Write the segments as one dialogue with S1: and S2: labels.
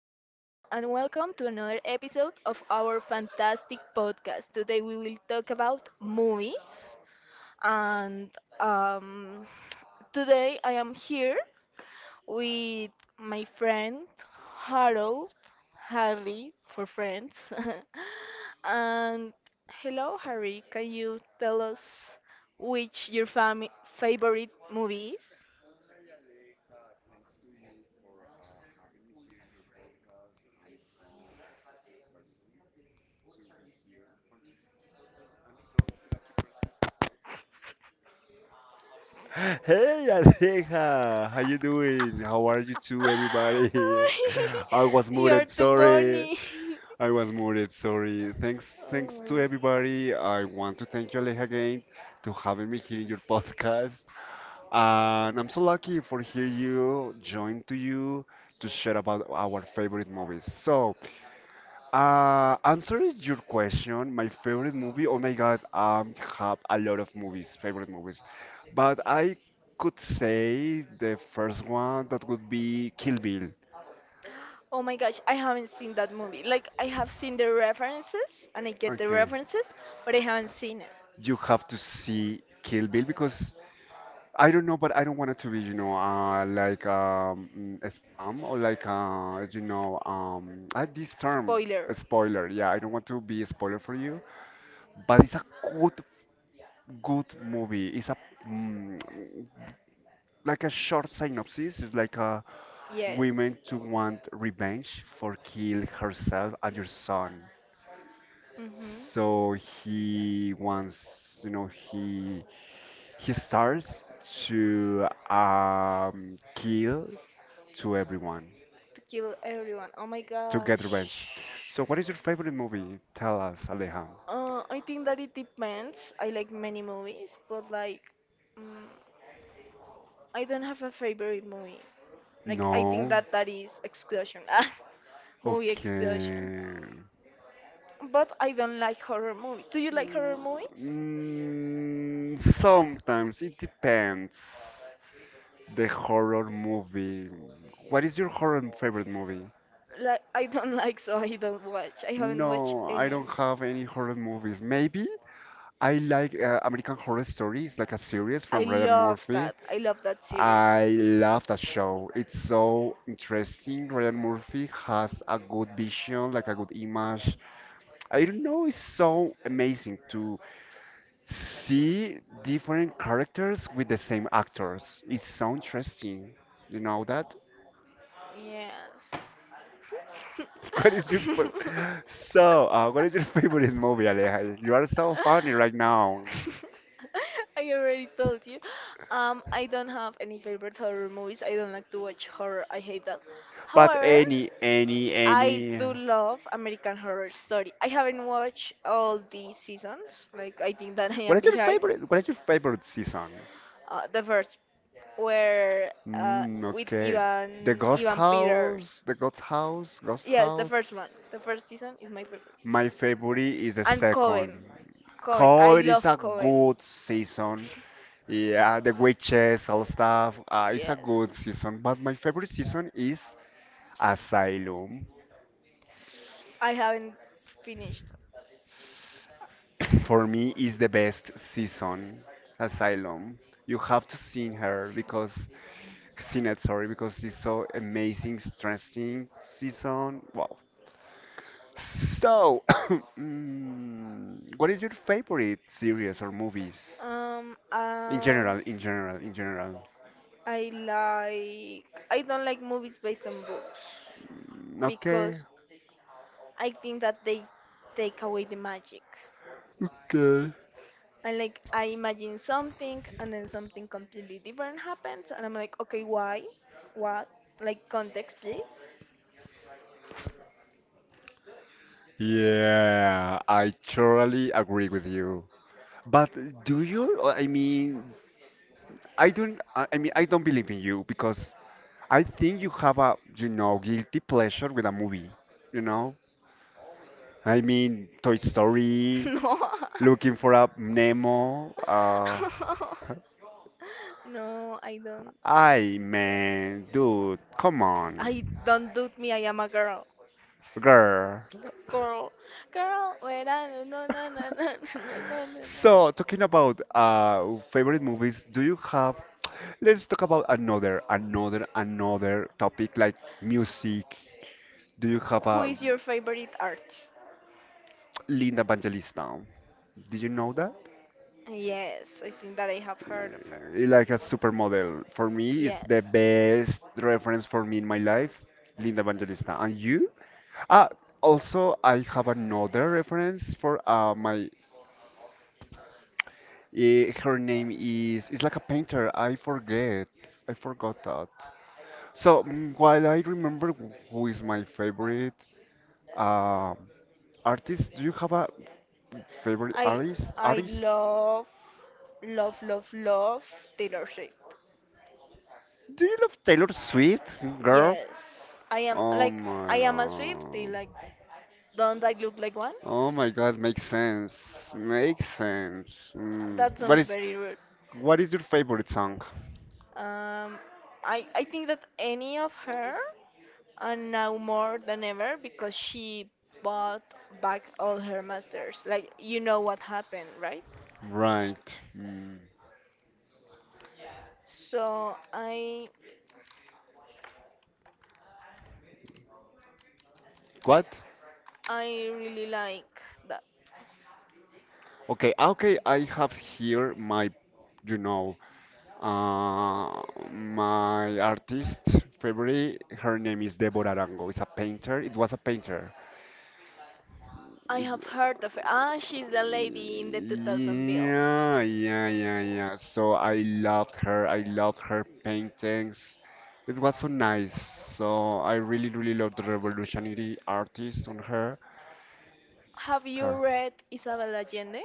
S1: and welcome to another episode of our fantastic podcast. Today we will talk about movies, and um, today I am here with my friend Harold, Harry for friends. And hello, Harry, can you tell us which your favorite movie is?
S2: Hey Alexa, how you doing? How are you too, everybody? I was
S1: You're
S2: muted,
S1: too
S2: sorry.
S1: funny.
S2: I was muted, sorry. Thanks to
S1: Oh.
S2: everybody. I want to thank you, Alexa, again, to having me here in your podcast. And I'm so lucky for hear you, join to you, to share about our favorite movies. So answering your question, my favorite movie. Oh my God, have a lot of movies, favorite movies, but I could say the first one that would be Kill Bill.
S1: Oh my gosh, I haven't seen that movie. Like, I have seen the references and I get the
S2: Okay.
S1: references, but I haven't seen it.
S2: You have to see Kill Bill because I don't know, but I don't want it to be, like a spam or like this term a
S1: Spoiler.
S2: spoiler. Yeah, I don't want to be a spoiler for you, but it's a good, good movie. It's a mm, like a short synopsis is like a
S1: Yes.
S2: woman to want revenge for kill herself and your son,
S1: Mm-hmm.
S2: so he wants he starts to kill to everyone
S1: To kill everyone. Oh my
S2: to get
S1: gosh.
S2: revenge. So what is your favorite movie? Tell us, Aleja.
S1: I think that it depends. I like many movies, but like, mm, I don't have a favorite movie. Like, I think
S2: No.
S1: that that is exclusion. Movie exclusion.
S2: Okay.
S1: But I don't like horror movies. Do you like horror movies?
S2: Sometimes it depends. The horror movie. What is your horror favorite movie?
S1: Like, I don't like, so I don't watch. I haven't watched
S2: No, I
S1: any.
S2: don't have any horror movies. Maybe I like American Horror Story. It's like a series
S1: I
S2: from Ryan
S1: love
S2: Murphy.
S1: that. I love that series.
S2: I love that show. It's so interesting. Ryan Murphy has a good vision, like a good image. I don't know, it's so amazing to see different characters with the same actors. It's so interesting. You know that?
S1: Yes.
S2: What is your fa- so? What is your favorite movie, Aleja? You are so funny right now.
S1: I already told you. I don't have any favorite horror movies. I don't like to watch horror. I hate that.
S2: But
S1: However,
S2: any,
S1: I
S2: any.
S1: do love American Horror Story. I haven't watched all the seasons. Like I think that I am behind.
S2: What is your favorite season?
S1: Uh, the first where uh,
S2: Mm,
S1: with
S2: okay. The
S1: Ivan
S2: Ghost
S1: Ivan Peters.
S2: House. The Ghost House. Ghost
S1: Yes, the
S2: House.
S1: first one. The first season is my favorite.
S2: My favorite is the
S1: And Cohen.
S2: second.
S1: Cohen. I
S2: Cold is
S1: love
S2: a
S1: Cohen.
S2: good season. Yeah, the witches, all stuff. It's a
S1: Yes.
S2: good season. But my favorite season is Asylum.
S1: I haven't finished.
S2: For me is the best season, Asylum. You have to see her because seen it, sorry, because it's so amazing, interesting season. Wow. So what is your favorite series or movies
S1: Um
S2: in
S1: uh,
S2: general, in general, in general?
S1: I like I don't like movies based on books
S2: Mm, okay,
S1: because I think that they take away the magic.
S2: okay.
S1: And like I imagine something and then something completely different happens and I'm like, okay, why? What? Like context please?
S2: Yeah, I totally agree with you, but do you I mean, I don't believe in you because I think you have a guilty pleasure with a movie, you know? I mean, Toy Story,
S1: No.
S2: looking for a Nemo.
S1: No, I don't.
S2: I man, dude, come
S1: I
S2: on,
S1: don't do me. I am a girl.
S2: girl.
S1: Girl, girl. Wait, I no no no no no no no no. No.
S2: So, talking about favorite movies, do you have? Let's talk about another topic like music. Do you have
S1: Who
S2: a
S1: is your favorite artist?
S2: Linda Evangelista? Do you know that?
S1: Yes, I think that I have heard of her.
S2: uh, like a supermodel. For me, it's
S1: Yes.
S2: the best reference for me in my life, Linda Evangelista. And you? Ah, also, I have another reference for my. Her name is. It's like a painter. I forget. I forgot that. So while I remember who is my favorite um artist, do you have a favorite
S1: I
S2: artist?
S1: I
S2: Artist?
S1: love love love love Taylor Swift.
S2: Do you love Taylor Swift, girl?
S1: Yes, I am
S2: Oh
S1: like I
S2: my
S1: am a Swiftie.
S2: god.
S1: Like, don't I look like one?
S2: Oh my God, makes sense. Makes sense.
S1: That
S2: Mm. What
S1: sounds
S2: is
S1: very rude.
S2: what is your favorite song?
S1: Um, I think that any of her, and now more than ever because she bought back all her masters. Like, you know what happened, right?
S2: Right. Mm.
S1: So I
S2: What?
S1: I really like that.
S2: Okay, okay, I have here you know, uh, my artist favorite. Her name is Deborah Arango. It's a painter. It was a painter.
S1: I have heard of her. Ah, she's the lady in the 2000 bill.
S2: Yeah, yeah, yeah, yeah. So I loved her. I loved her paintings. It was so nice. So I really, really loved the revolutionary artist on her.
S1: Have you
S2: Her.
S1: read Isabel Allende?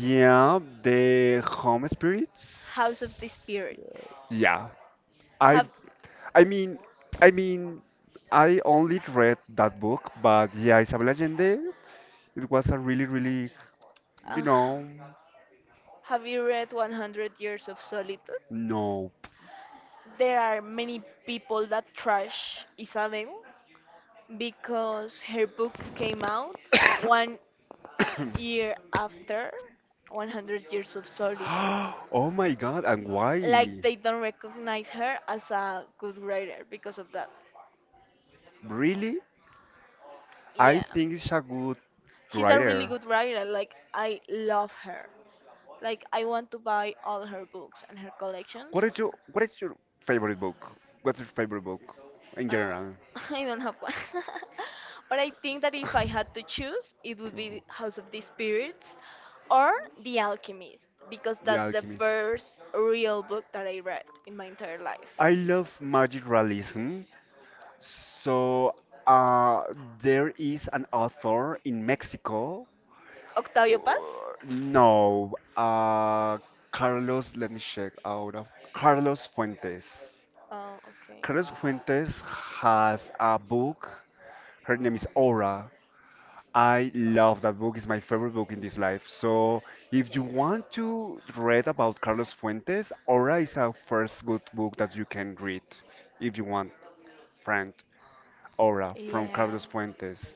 S2: Yeah, the home spirits.
S1: House of the Spirits.
S2: Yeah. I
S1: Have
S2: I mean I mean, I only read that book, but yeah, Isabel Allende, it was a really, really, you
S1: uh,
S2: know,
S1: Have you read 100 Years of Solitude?
S2: no.
S1: There are many people that trash Isabel because her book came out 1 year after 100 Years of Solitude.
S2: Oh my God, and
S1: Like
S2: why?
S1: they don't recognize her as a good writer because of that.
S2: Really? I
S1: Yeah.
S2: think it's a good
S1: She's a really
S2: writer.
S1: good writer. Like I love her. Like I want to buy all her books and her collections.
S2: What is your favorite book? What's your favorite book in
S1: Uh,
S2: general?
S1: I don't have one. But I think that if I had to choose, it would
S2: Mhm.
S1: be House of the Spirits or The Alchemist, because
S2: The
S1: that's the
S2: Alchemist.
S1: first real book that I read in my entire life.
S2: I love magic realism. So uh, there is an author in Mexico.
S1: Octavio Paz?
S2: Uh, No, Carlos. Let me check out of Carlos Fuentes.
S1: Oh, okay.
S2: Carlos Fuentes has a book. Her name is Aura. I love that book. It's my favorite book in this life. So, if you want to read about Carlos Fuentes, Aura is a first good book that you can read if you want, friend. Aura from
S1: Yeah.
S2: Carlos Fuentes.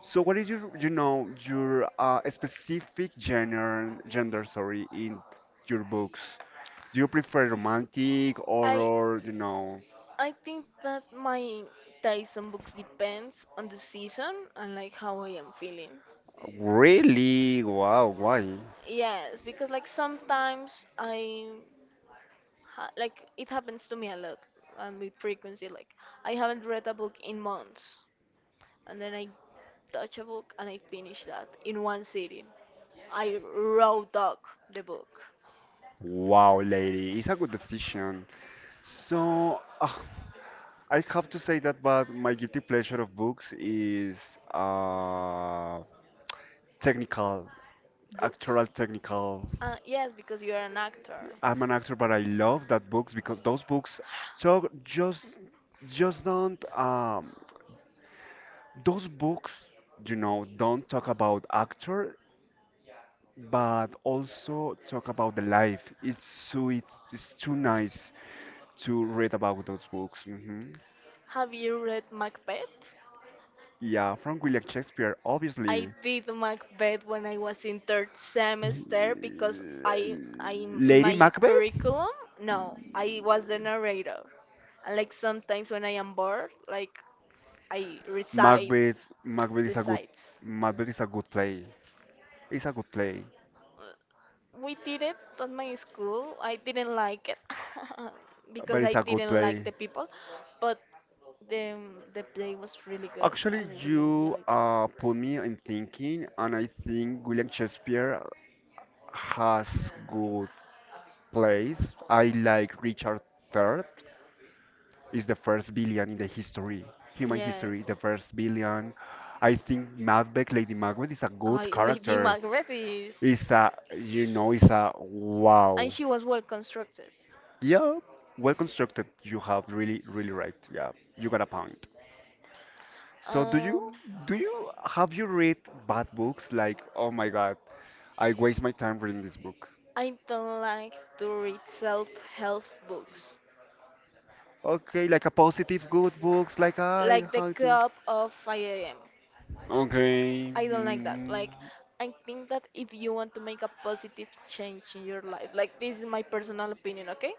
S2: So, what is your specific genre, gender, sorry, in your books? Do you prefer romantic,
S1: I
S2: horror, you know?
S1: I think that my Dyson books depends on the season and like how I am feeling.
S2: Really? Wow, why?
S1: Yes, because like sometimes I ha like it happens to me a lot and with frequency, like I haven't read a book in months and then I touch a book and I finish that in one sitting. I raw dog the book.
S2: Wow, lady, it's a good decision. So, I have to say that, but my guilty pleasure of books is technical,
S1: Books?
S2: actoral technical.
S1: Yes, because you are an actor.
S2: I'm an actor, but I love that books because those books, so just don't, those books, don't talk about actor, but also talk about the life. It's so, it's too nice to read about those books. Hmm.
S1: Have you read Macbeth?
S2: Yeah, from William Shakespeare,
S1: I
S2: obviously.
S1: did Macbeth when I was in third semester because I,
S2: L-
S1: I in
S2: Lady
S1: my
S2: Macbeth?
S1: curriculum, no, I was the narrator. And like sometimes when I am bored, like I recite
S2: Macbeth, Macbeth
S1: the
S2: is a good,
S1: sites.
S2: Macbeth is a good play. It's a good play,
S1: We did it at my school. I didn't like it
S2: but
S1: because I
S2: it's a good
S1: didn't like
S2: play.
S1: the people, but the the play was really good. I
S2: Actually,
S1: really
S2: you
S1: enjoyed that.
S2: put me in thinking, and I think William Shakespeare has good plays. I like Richard III. Is the first billion in the history, human
S1: Yes.
S2: history, the first billion. I think Macbeth, Lady Macbeth, is a
S1: I
S2: good
S1: Lady
S2: character.
S1: Macbeth is,
S2: It's a, it's a wow.
S1: and she was well constructed.
S2: Yeah, well constructed. You have really, really right. Yeah, you got a point. So
S1: Um,
S2: do you have you read bad books like oh my God, I waste my time reading this book.
S1: I don't like to read self-help books,
S2: Okay, like a positive good books like I
S1: like the
S2: how to.
S1: club of 5 a.m.
S2: Okay.
S1: I don't like that. Like, I think that if you want to make a positive change in your life, like, this is my personal opinion, okay?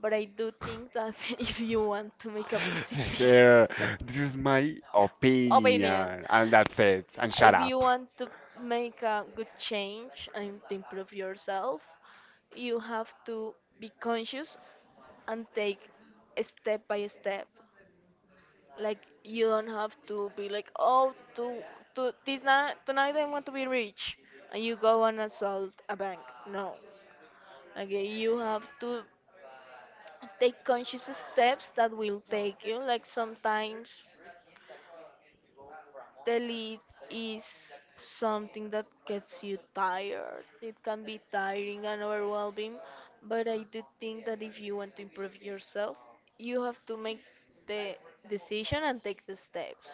S1: But I do think that if you want to make a positive
S2: Here, this is my
S1: opinion,
S2: opinion and that's it. And shut
S1: if you
S2: up.
S1: want to make a good change and to improve yourself, you have to be conscious and take step by step, like you don't have to be like, oh, to this night tonight I want to be rich and you go and assault a bank. No. Like you have to take conscious steps that will take you. Like sometimes the lead is something that gets you tired. It can be tiring and overwhelming, but I do think that if you want to improve yourself, you have to make the decision and take the steps.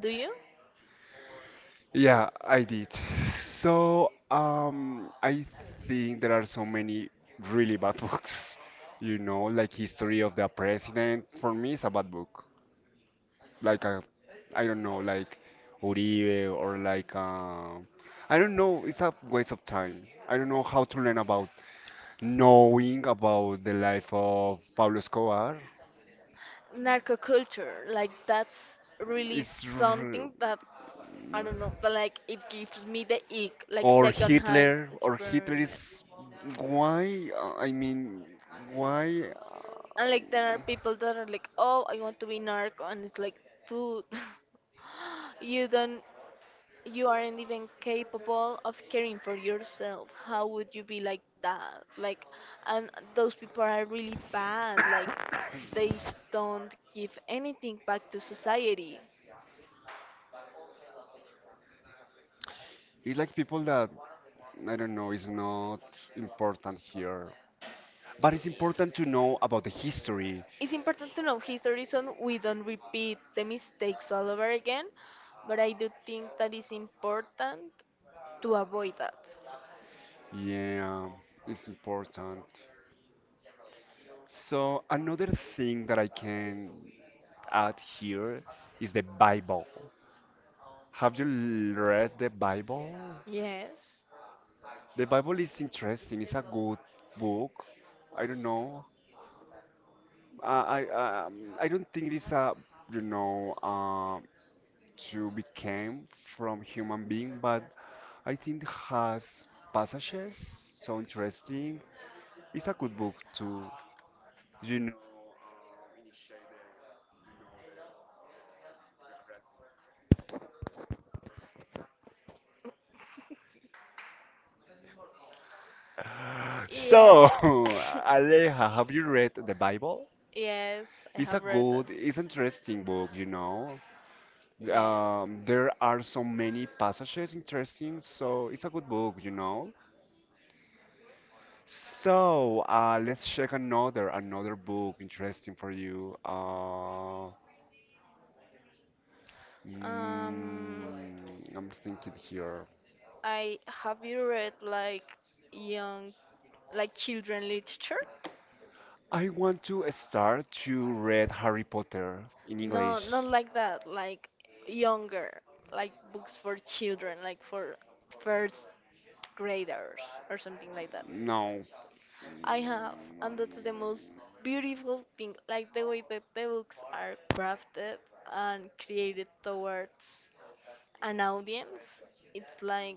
S1: Do you?
S2: Yeah, I did. So, I think there are so many really bad books. Like History of the President. For me, it's a bad book. Like a, I don't know, like Uribe or like I don't know. It's a waste of time. I don't know how to learn about knowing about the life of Pablo Escobar.
S1: Narco-culture, like that's really
S2: It's r-
S1: something that I don't know, but like it gives me the ick, like
S2: or
S1: secondhand
S2: Hitler or Hitler
S1: experiment.
S2: is why? I mean, why?
S1: And like there are people that are like, oh, I want to be narco, and it's like food. You don't, you aren't even capable of caring for yourself, how would you be like that, like, and those people are really bad, like they don't give anything back to society.
S2: It's like people that I don't know is not important here, but it's important to know about the history.
S1: It's important to know history so we don't repeat the mistakes all over again, but I do think that it's important to avoid that.
S2: Yeah, it's important. So another thing that I can add here is the Bible. Have you read the Bible?
S1: Yes.
S2: The Bible is interesting. It's a good book. I don't know. I don't think it's a you know um, to become from human being, but I think has passages so interesting. It's a good book too, you know. So,
S1: Yeah.
S2: Aleja, have you read the Bible?
S1: Yes, I
S2: It's a
S1: have read that.
S2: good, it's interesting book.
S1: Yes.
S2: There are so many passages interesting, so it's a good book. So, let's check another book interesting for you. Mm,
S1: Um,
S2: I'm thinking here.
S1: I have you read like young, like children literature?
S2: I want to start to read Harry Potter in
S1: No,
S2: English.
S1: not like that. Like younger, like books for children, like for first graders or something like that.
S2: No.
S1: I have,
S2: Mm,
S1: and that's the most beautiful thing. Like the way that the books are crafted and created towards an audience, it's like,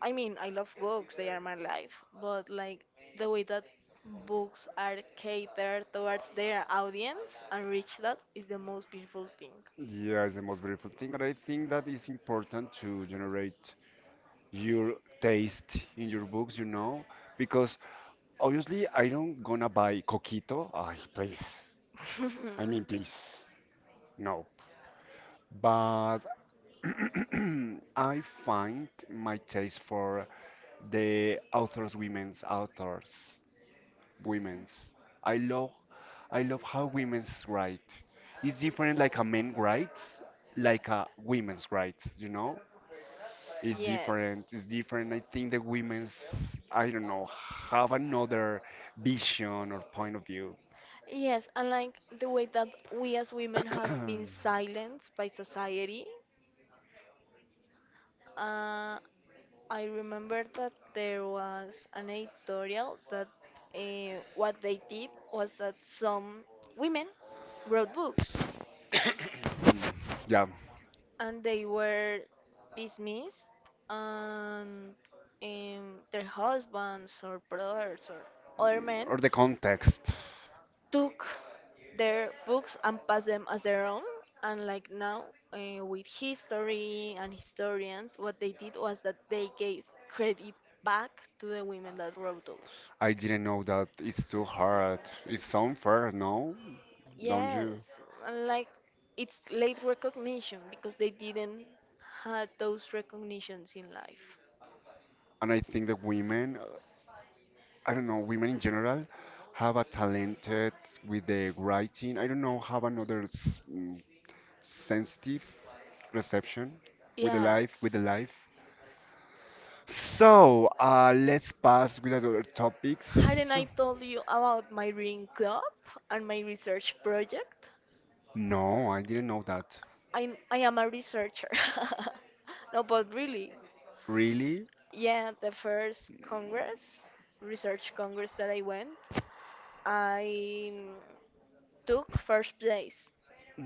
S1: I mean, I love books, they are my life, but like the way that books are catered towards their audience and reach, that is the most beautiful thing.
S2: Yeah, it's the most beautiful thing, but I think that it's important to generate your taste in your books, because obviously I don't gonna buy Coquito. Ay, please. I mean, please. No. But I find my taste for the authors, women's authors, women's. I love, I love how women's write. It's different like a man writes, like a women's writes. You know, it's
S1: Yes.
S2: different. It's different. I think the women's, I don't know, have another vision or point of view.
S1: Yes, and like the way that we as women have been silenced by society. Uh, I remember that there was an editorial that what they did was that some women wrote books
S2: Yeah,
S1: and they were dismissed and um, their husbands or brothers or other men
S2: or the context.
S1: took their books and passed them as their own. And like now, with history and historians, what they did was that they gave credit back to the women that wrote those.
S2: I didn't know that it's too hard. It's so unfair, no? Don't you?
S1: Yes, and like it's late recognition because they didn't had those recognitions in life.
S2: And I think that women, I don't know, women in general have a talented with the writing. I don't know, have another sensitive reception with the life,
S1: Yes.
S2: with the life. So, let's pass with other
S1: Hadn't
S2: topics.
S1: I told you about my reading club and my research project?
S2: No, I didn't know that.
S1: I am a researcher. No, but really,
S2: Really?
S1: yeah, the first congress, research congress that I went, I mm, took first place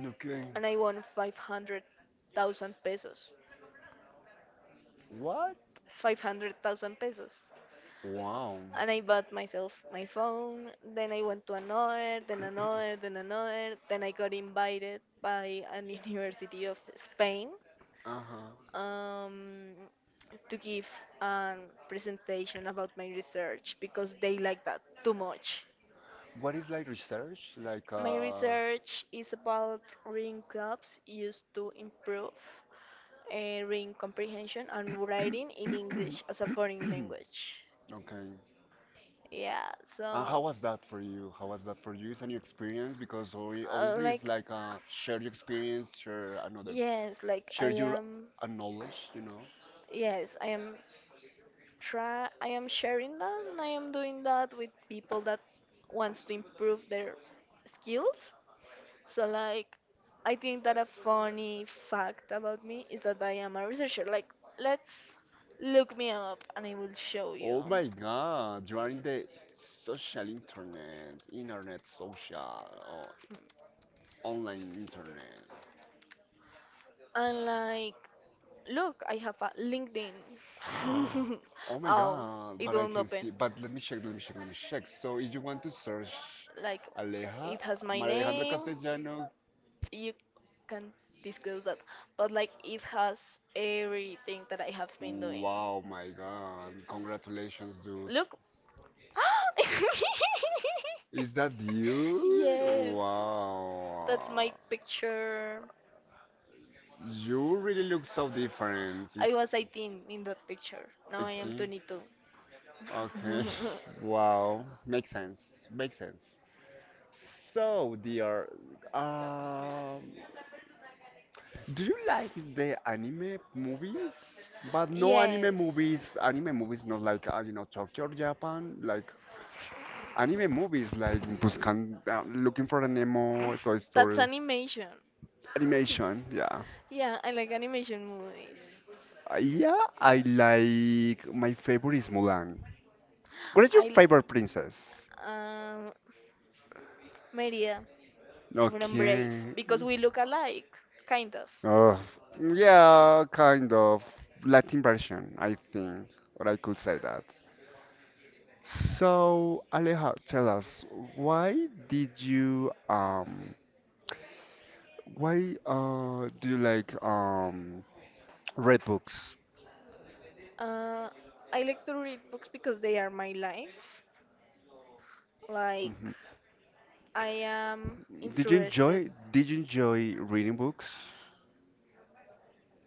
S2: Okay.
S1: and I won 500,000 pesos.
S2: What?
S1: 500,000 pesos.
S2: Wow.
S1: And I bought myself my phone, then I went to another, then another, then another, then I got invited by an university of Spain
S2: Uh-huh.
S1: um, to give a presentation about my research because they like that too much.
S2: What is like research? Like
S1: My
S2: uh
S1: research is about reading clubs used to improve reading comprehension and writing in
S2: Okay.
S1: English as a foreign language. Yeah,
S2: And how
S1: so.
S2: was that for you? How was that for you? It's a new experience because obvi- obviously it's
S1: Like.
S2: like share your experience,
S1: Yes, like I
S2: share your
S1: am.
S2: knowledge.
S1: Yes, I am try. I am sharing that, and I am doing that with people that wants to improve their skills. So like I think that a funny fact about me is that I am a researcher. Like let's look me up and I will show you.
S2: Oh my god, you are in the social internet, internet social, or online internet.
S1: And like look, I have a LinkedIn.
S2: Oh my
S1: Oh,
S2: god,
S1: it
S2: but I
S1: won't
S2: can
S1: open.
S2: see but let me check, let me check, let me check. So if you want to search
S1: Like
S2: Aleja,
S1: it has my
S2: María Alejandra
S1: name.
S2: Castellano.
S1: You can disclose that, but like it has everything that I have been doing.
S2: Wow, my God. Congratulations, dude.
S1: Look.
S2: Is that you?
S1: Yes. Wow. That's Wow.
S2: Wow.
S1: my picture.
S2: You really look so different.
S1: I was 18 in that picture. Now I am 18?
S2: 18?
S1: 22.
S2: Okay. Wow. Makes sense. Makes sense. So, dear, um, do you like the anime movies? But no anime movies, anime movies not like, Tokyo or Japan, like anime movies like Buscan, Looking for a Nemo,
S1: Yes.
S2: Toy
S1: That's
S2: Story,
S1: animation.
S2: animation, yeah.
S1: Yeah, I like animation movies.
S2: Yeah, my favorite is Mulan. What is your
S1: I
S2: favorite princess?
S1: l- um Maria from Brave
S2: Okay.
S1: because we look alike, kind of.
S2: Oh, yeah, kind of Latin version, I think, or I could say that. So, Aleja, tell us, why did you why do you like read books?
S1: Uh, I like to read books because they are my life. Like
S2: Mhm.
S1: I am
S2: Did you
S1: interested.
S2: enjoy did you enjoy reading books?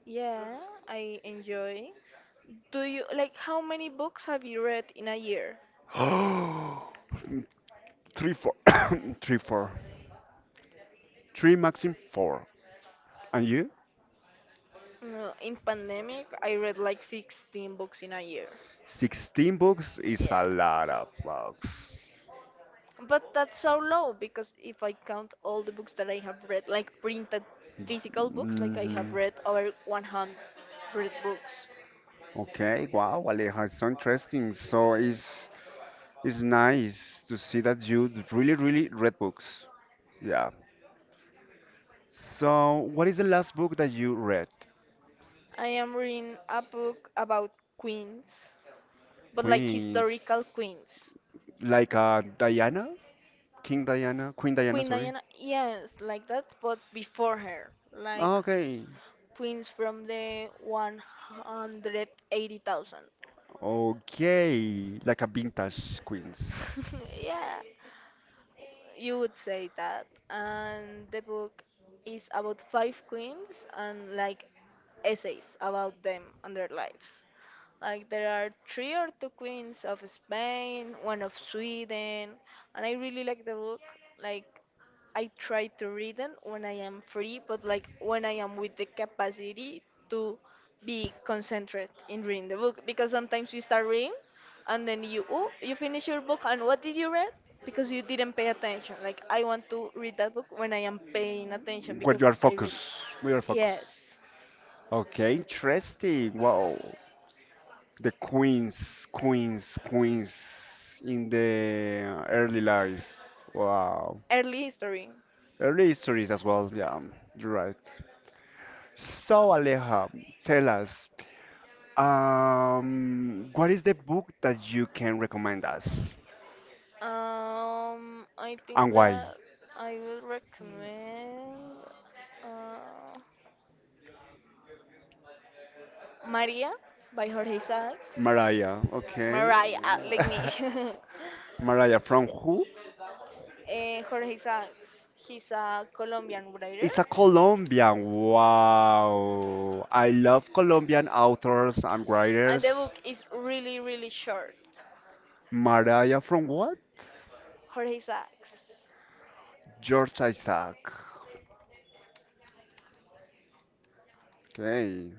S1: Yeah, I enjoy. Do you like how many books have you read in a year?
S2: Oh, three, four, three, four, three, maximum four. And you?
S1: No, in pandemic, I read like 16 books in a year.
S2: 16 books is a
S1: Yeah.
S2: lot of books.
S1: But that's so low because if I count all the books that I have read, like printed physical books, like I
S2: hmm
S1: have read over 100 books.
S2: Okay, wow, Aleja, it's so interesting. So, is It's nice to see that you really, really read books. Yeah. So, what is the last book that you read?
S1: I am reading a book about queens, but like
S2: Queens,
S1: historical queens.
S2: like Diana, King Diana, Queen Diana,
S1: Queen
S2: sorry.
S1: Diana, yes, like that, but before her, like
S2: Okay.
S1: queens from the 180,000.
S2: Okay, like a vintage Queens.
S1: Yeah, you would say that. And the book is about five queens and like essays about them and their lives. Like there are three or two queens of Spain, one of Sweden, and I really like the book. Like I try to read them when I am free, but like when I am with the capacity to be concentrated in reading the book, because sometimes you start reading and then you oh, you finish your book and what did you read? Because you didn't pay attention. Like I want to read that book when I am paying attention
S2: Where
S1: because
S2: you are
S1: I really
S2: focused. We are
S1: yes,
S2: focused. Okay, interesting. Wow. The Queens, Queens, Queens in the early life. Wow.
S1: early history.
S2: Early histories as well, yeah, you're right. So, Aleja, tell us, what is the book that you can recommend us
S1: I
S2: and
S1: think
S2: why?
S1: that I would recommend uh, Maria by Jorge Isaacs.
S2: Mariah, okay.
S1: Mariah, like me.
S2: Mariah, from who?
S1: Eh, Jorge Isaacs. He's a Colombian writer,
S2: It's a Colombian. Wow. I love Colombian authors and
S1: and the
S2: writers.
S1: book is really, really short.
S2: Mariah from what?
S1: Jorge Isaacs.
S2: George Isaac. Okay.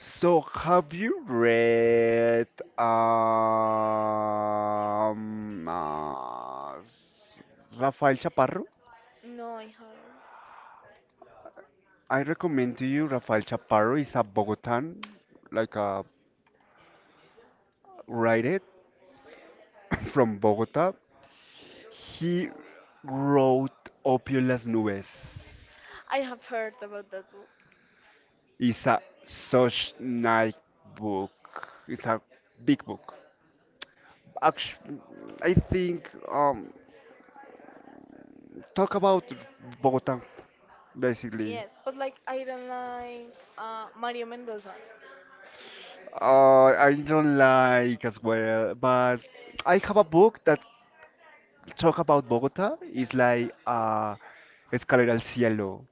S2: So have you read um, uh, s- Rafael Chaparro?
S1: No, I haven't.
S2: I recommend to you Rafael Chaparro is a Bogotan, like a writer from Bogota. He wrote Opiolas Nubes.
S1: I have heard about that book.
S2: It's a such nice book. It's a big book. Actually, I think talk about Bogota basically.
S1: Yes, but like I don't like Mario Mendoza.
S2: I don't like as well, but I have a book that talk about Bogota. It's like Escalera al Cielo.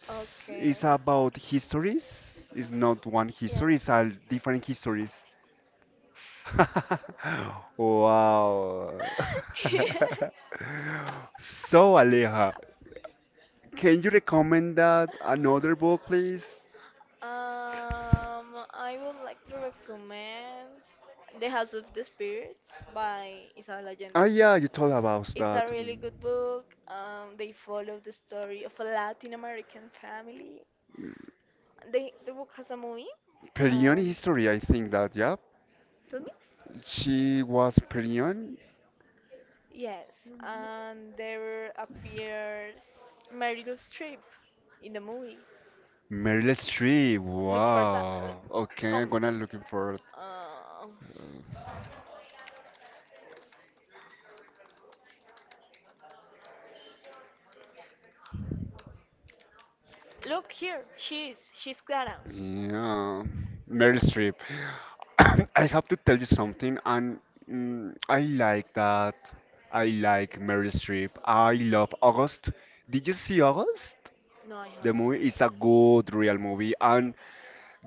S1: Okay.
S2: It's about histories. It's not one history.
S1: Yes.
S2: It's all different histories. Wow. So Aleja, can you recommend that another book, please?
S1: Um, I would like to recommend The House of the Spirits by Isabel
S2: Ah,
S1: Allende.
S2: yeah, you told about
S1: It's a
S2: that.
S1: really good book. They follow the story of a Latin American family. They, the book has a movie,
S2: Perion
S1: and
S2: history, I think that, yeah.
S1: tell me.
S2: She was Perion.
S1: Yes, and there appears Meryl Streep in the movie.
S2: Meryl Streep.
S1: Look for that.
S2: Wow. Okay, I'm
S1: Come.
S2: gonna looking for it.
S1: Uh, look here, she's Clara.
S2: Yeah, Meryl Streep. I have to tell you something, and I like that. I like Meryl Streep. I love August. Did you see August?
S1: No, I
S2: The
S1: haven't seen
S2: movie
S1: it.
S2: is a good real movie, and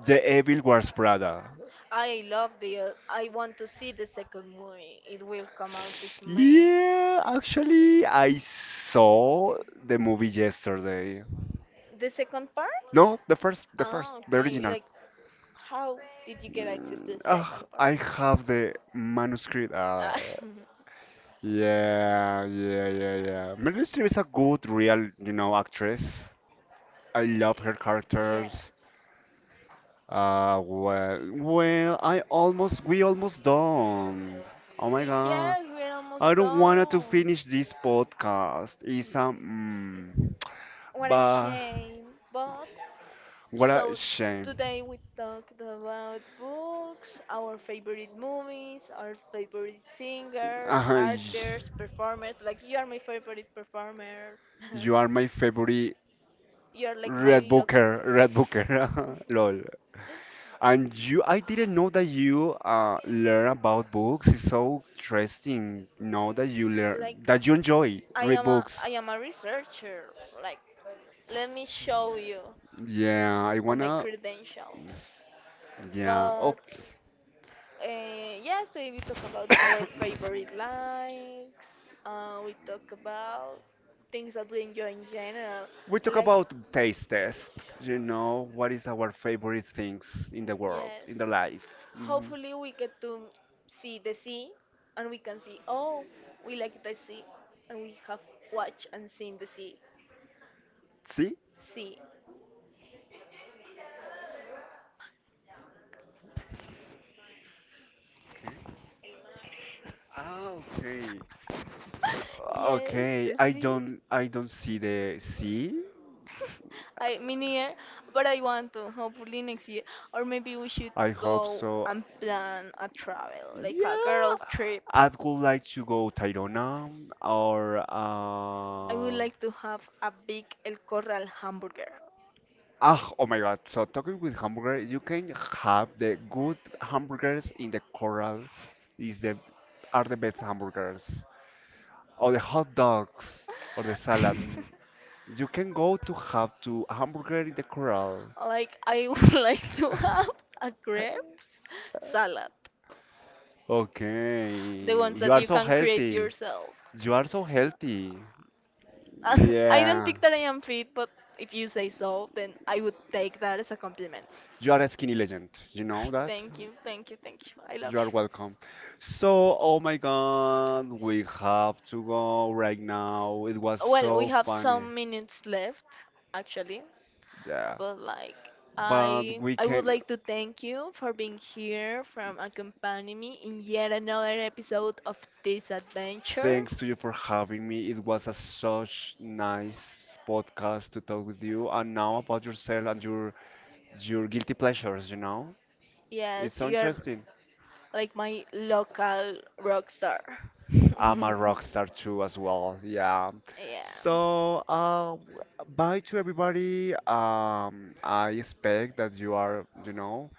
S2: The Evil Wears Prada.
S1: I love the. I want to see the second movie. It will come out this May.
S2: Yeah, actually, I saw the movie yesterday.
S1: The second part?
S2: No, the first, the
S1: Ah,
S2: first, the
S1: okay.
S2: original.
S1: Like, how did you get access to the second
S2: I
S1: part?
S2: have the manuscript.
S1: Ah,
S2: Yeah, yeah, yeah, yeah. Meryl Streep is a good, real, you know, actress. I love her characters.
S1: yes.
S2: Well, well, we almost done. Oh my God,
S1: Yes, we're almost
S2: I don't wanna to
S1: done.
S2: finish this podcast. It's a, mm,
S1: What a
S2: but
S1: shame, but
S2: what a
S1: so
S2: shame.
S1: today we talked about books, our favorite movies, our favorite singers,
S2: Uh, y-
S1: artists, performers. Like you are my favorite performer.
S2: you are my favorite
S1: You are like my
S2: Red
S1: look.
S2: Booker, Red Booker, lol. And you, I didn't know that you learn about books. It's so interesting. Know that you
S1: Like
S2: learn that you enjoy read books.
S1: I am a researcher. Like let me show you
S2: Yeah, I
S1: all my
S2: wanna.
S1: credentials.
S2: Yeah.
S1: But
S2: Oh,
S1: yeah, so we talk about our favorite likes. We talk about things that we enjoy in general.
S2: we talk
S1: Like
S2: about taste test. You know what is our favorite things in the world,
S1: yes,
S2: in the life. Hmm
S1: hopefully we get to see the sea, and we can see oh we like the sea, and we have watched and seen the sea.
S2: See?
S1: Sea,
S2: Ah, okay.
S1: yes,
S2: Okay.
S1: the
S2: I
S1: sea.
S2: don't. I don't see the see.
S1: I mean here, but I want to hopefully next year, or maybe we should
S2: I hope
S1: go
S2: so.
S1: and plan a travel, like a girl
S2: Yeah,
S1: trip.
S2: I would like to go Tayrona or
S1: I would like to have a big El Corral hamburger.
S2: ah, oh my God. So talking with hamburger, you can have the good hamburgers in the Coral is the are the best hamburgers or the hot dogs or the salad. Mm, you can go to have to hamburger in the Coral.
S1: Like I would like to have a grapes salad, the
S2: Okay,
S1: ones
S2: you
S1: that
S2: are
S1: you
S2: so
S1: can create
S2: healthy.
S1: yourself.
S2: You are so healthy.
S1: And I don't
S2: Yeah,
S1: think that I am fit, but if you say so, then I would take that as a compliment.
S2: you are a skinny legend. You know that?
S1: Thank you, thank you, thank you. I love
S2: You are
S1: you.
S2: welcome. So, oh my God, we have to go right now. It was
S1: Well, we
S2: so
S1: have
S2: funny.
S1: some minutes left, actually,
S2: Yeah.
S1: but like
S2: But
S1: I
S2: we
S1: I would
S2: can,
S1: like to thank you for being here, from accompanying me in yet another episode of this adventure.
S2: thanks to you for having me. It was a such nice podcast to talk with you and now about yourself and your guilty pleasures, you know? It's
S1: Yes,
S2: so
S1: you're
S2: interesting.
S1: like my local rock star.
S2: I'm a rock star too as well. Yeah.
S1: Yeah.
S2: So, bye to everybody. I expect that you are, you know,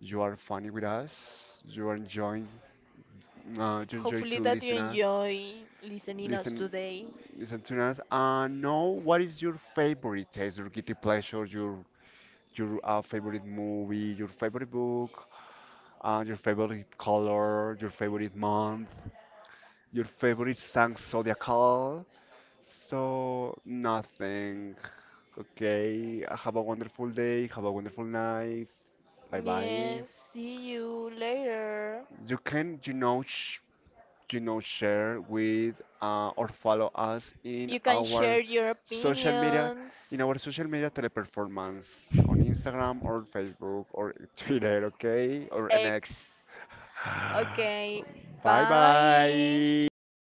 S2: you are funny with us. You are enjoying. You enjoy
S1: Hopefully
S2: to
S1: that you
S2: listen us,
S1: enjoy listening us
S2: listen,
S1: today.
S2: listen to us. And know what is your favorite taste, your guilty pleasure, your your favorite movie, your favorite book, your favorite color, your favorite month, your favorite song, zodiacal. So nothing. Okay, have a wonderful day, have a wonderful night. Bye bye.
S1: Yes, see you later.
S2: You can, you know, share with or follow us in
S1: You can
S2: our
S1: share your
S2: social media in
S1: opinions.
S2: our social media teleperformance on Instagram or Facebook or Twitter, okay, or
S1: X.
S2: NX
S1: Okay,
S2: bye
S1: bye.
S2: bye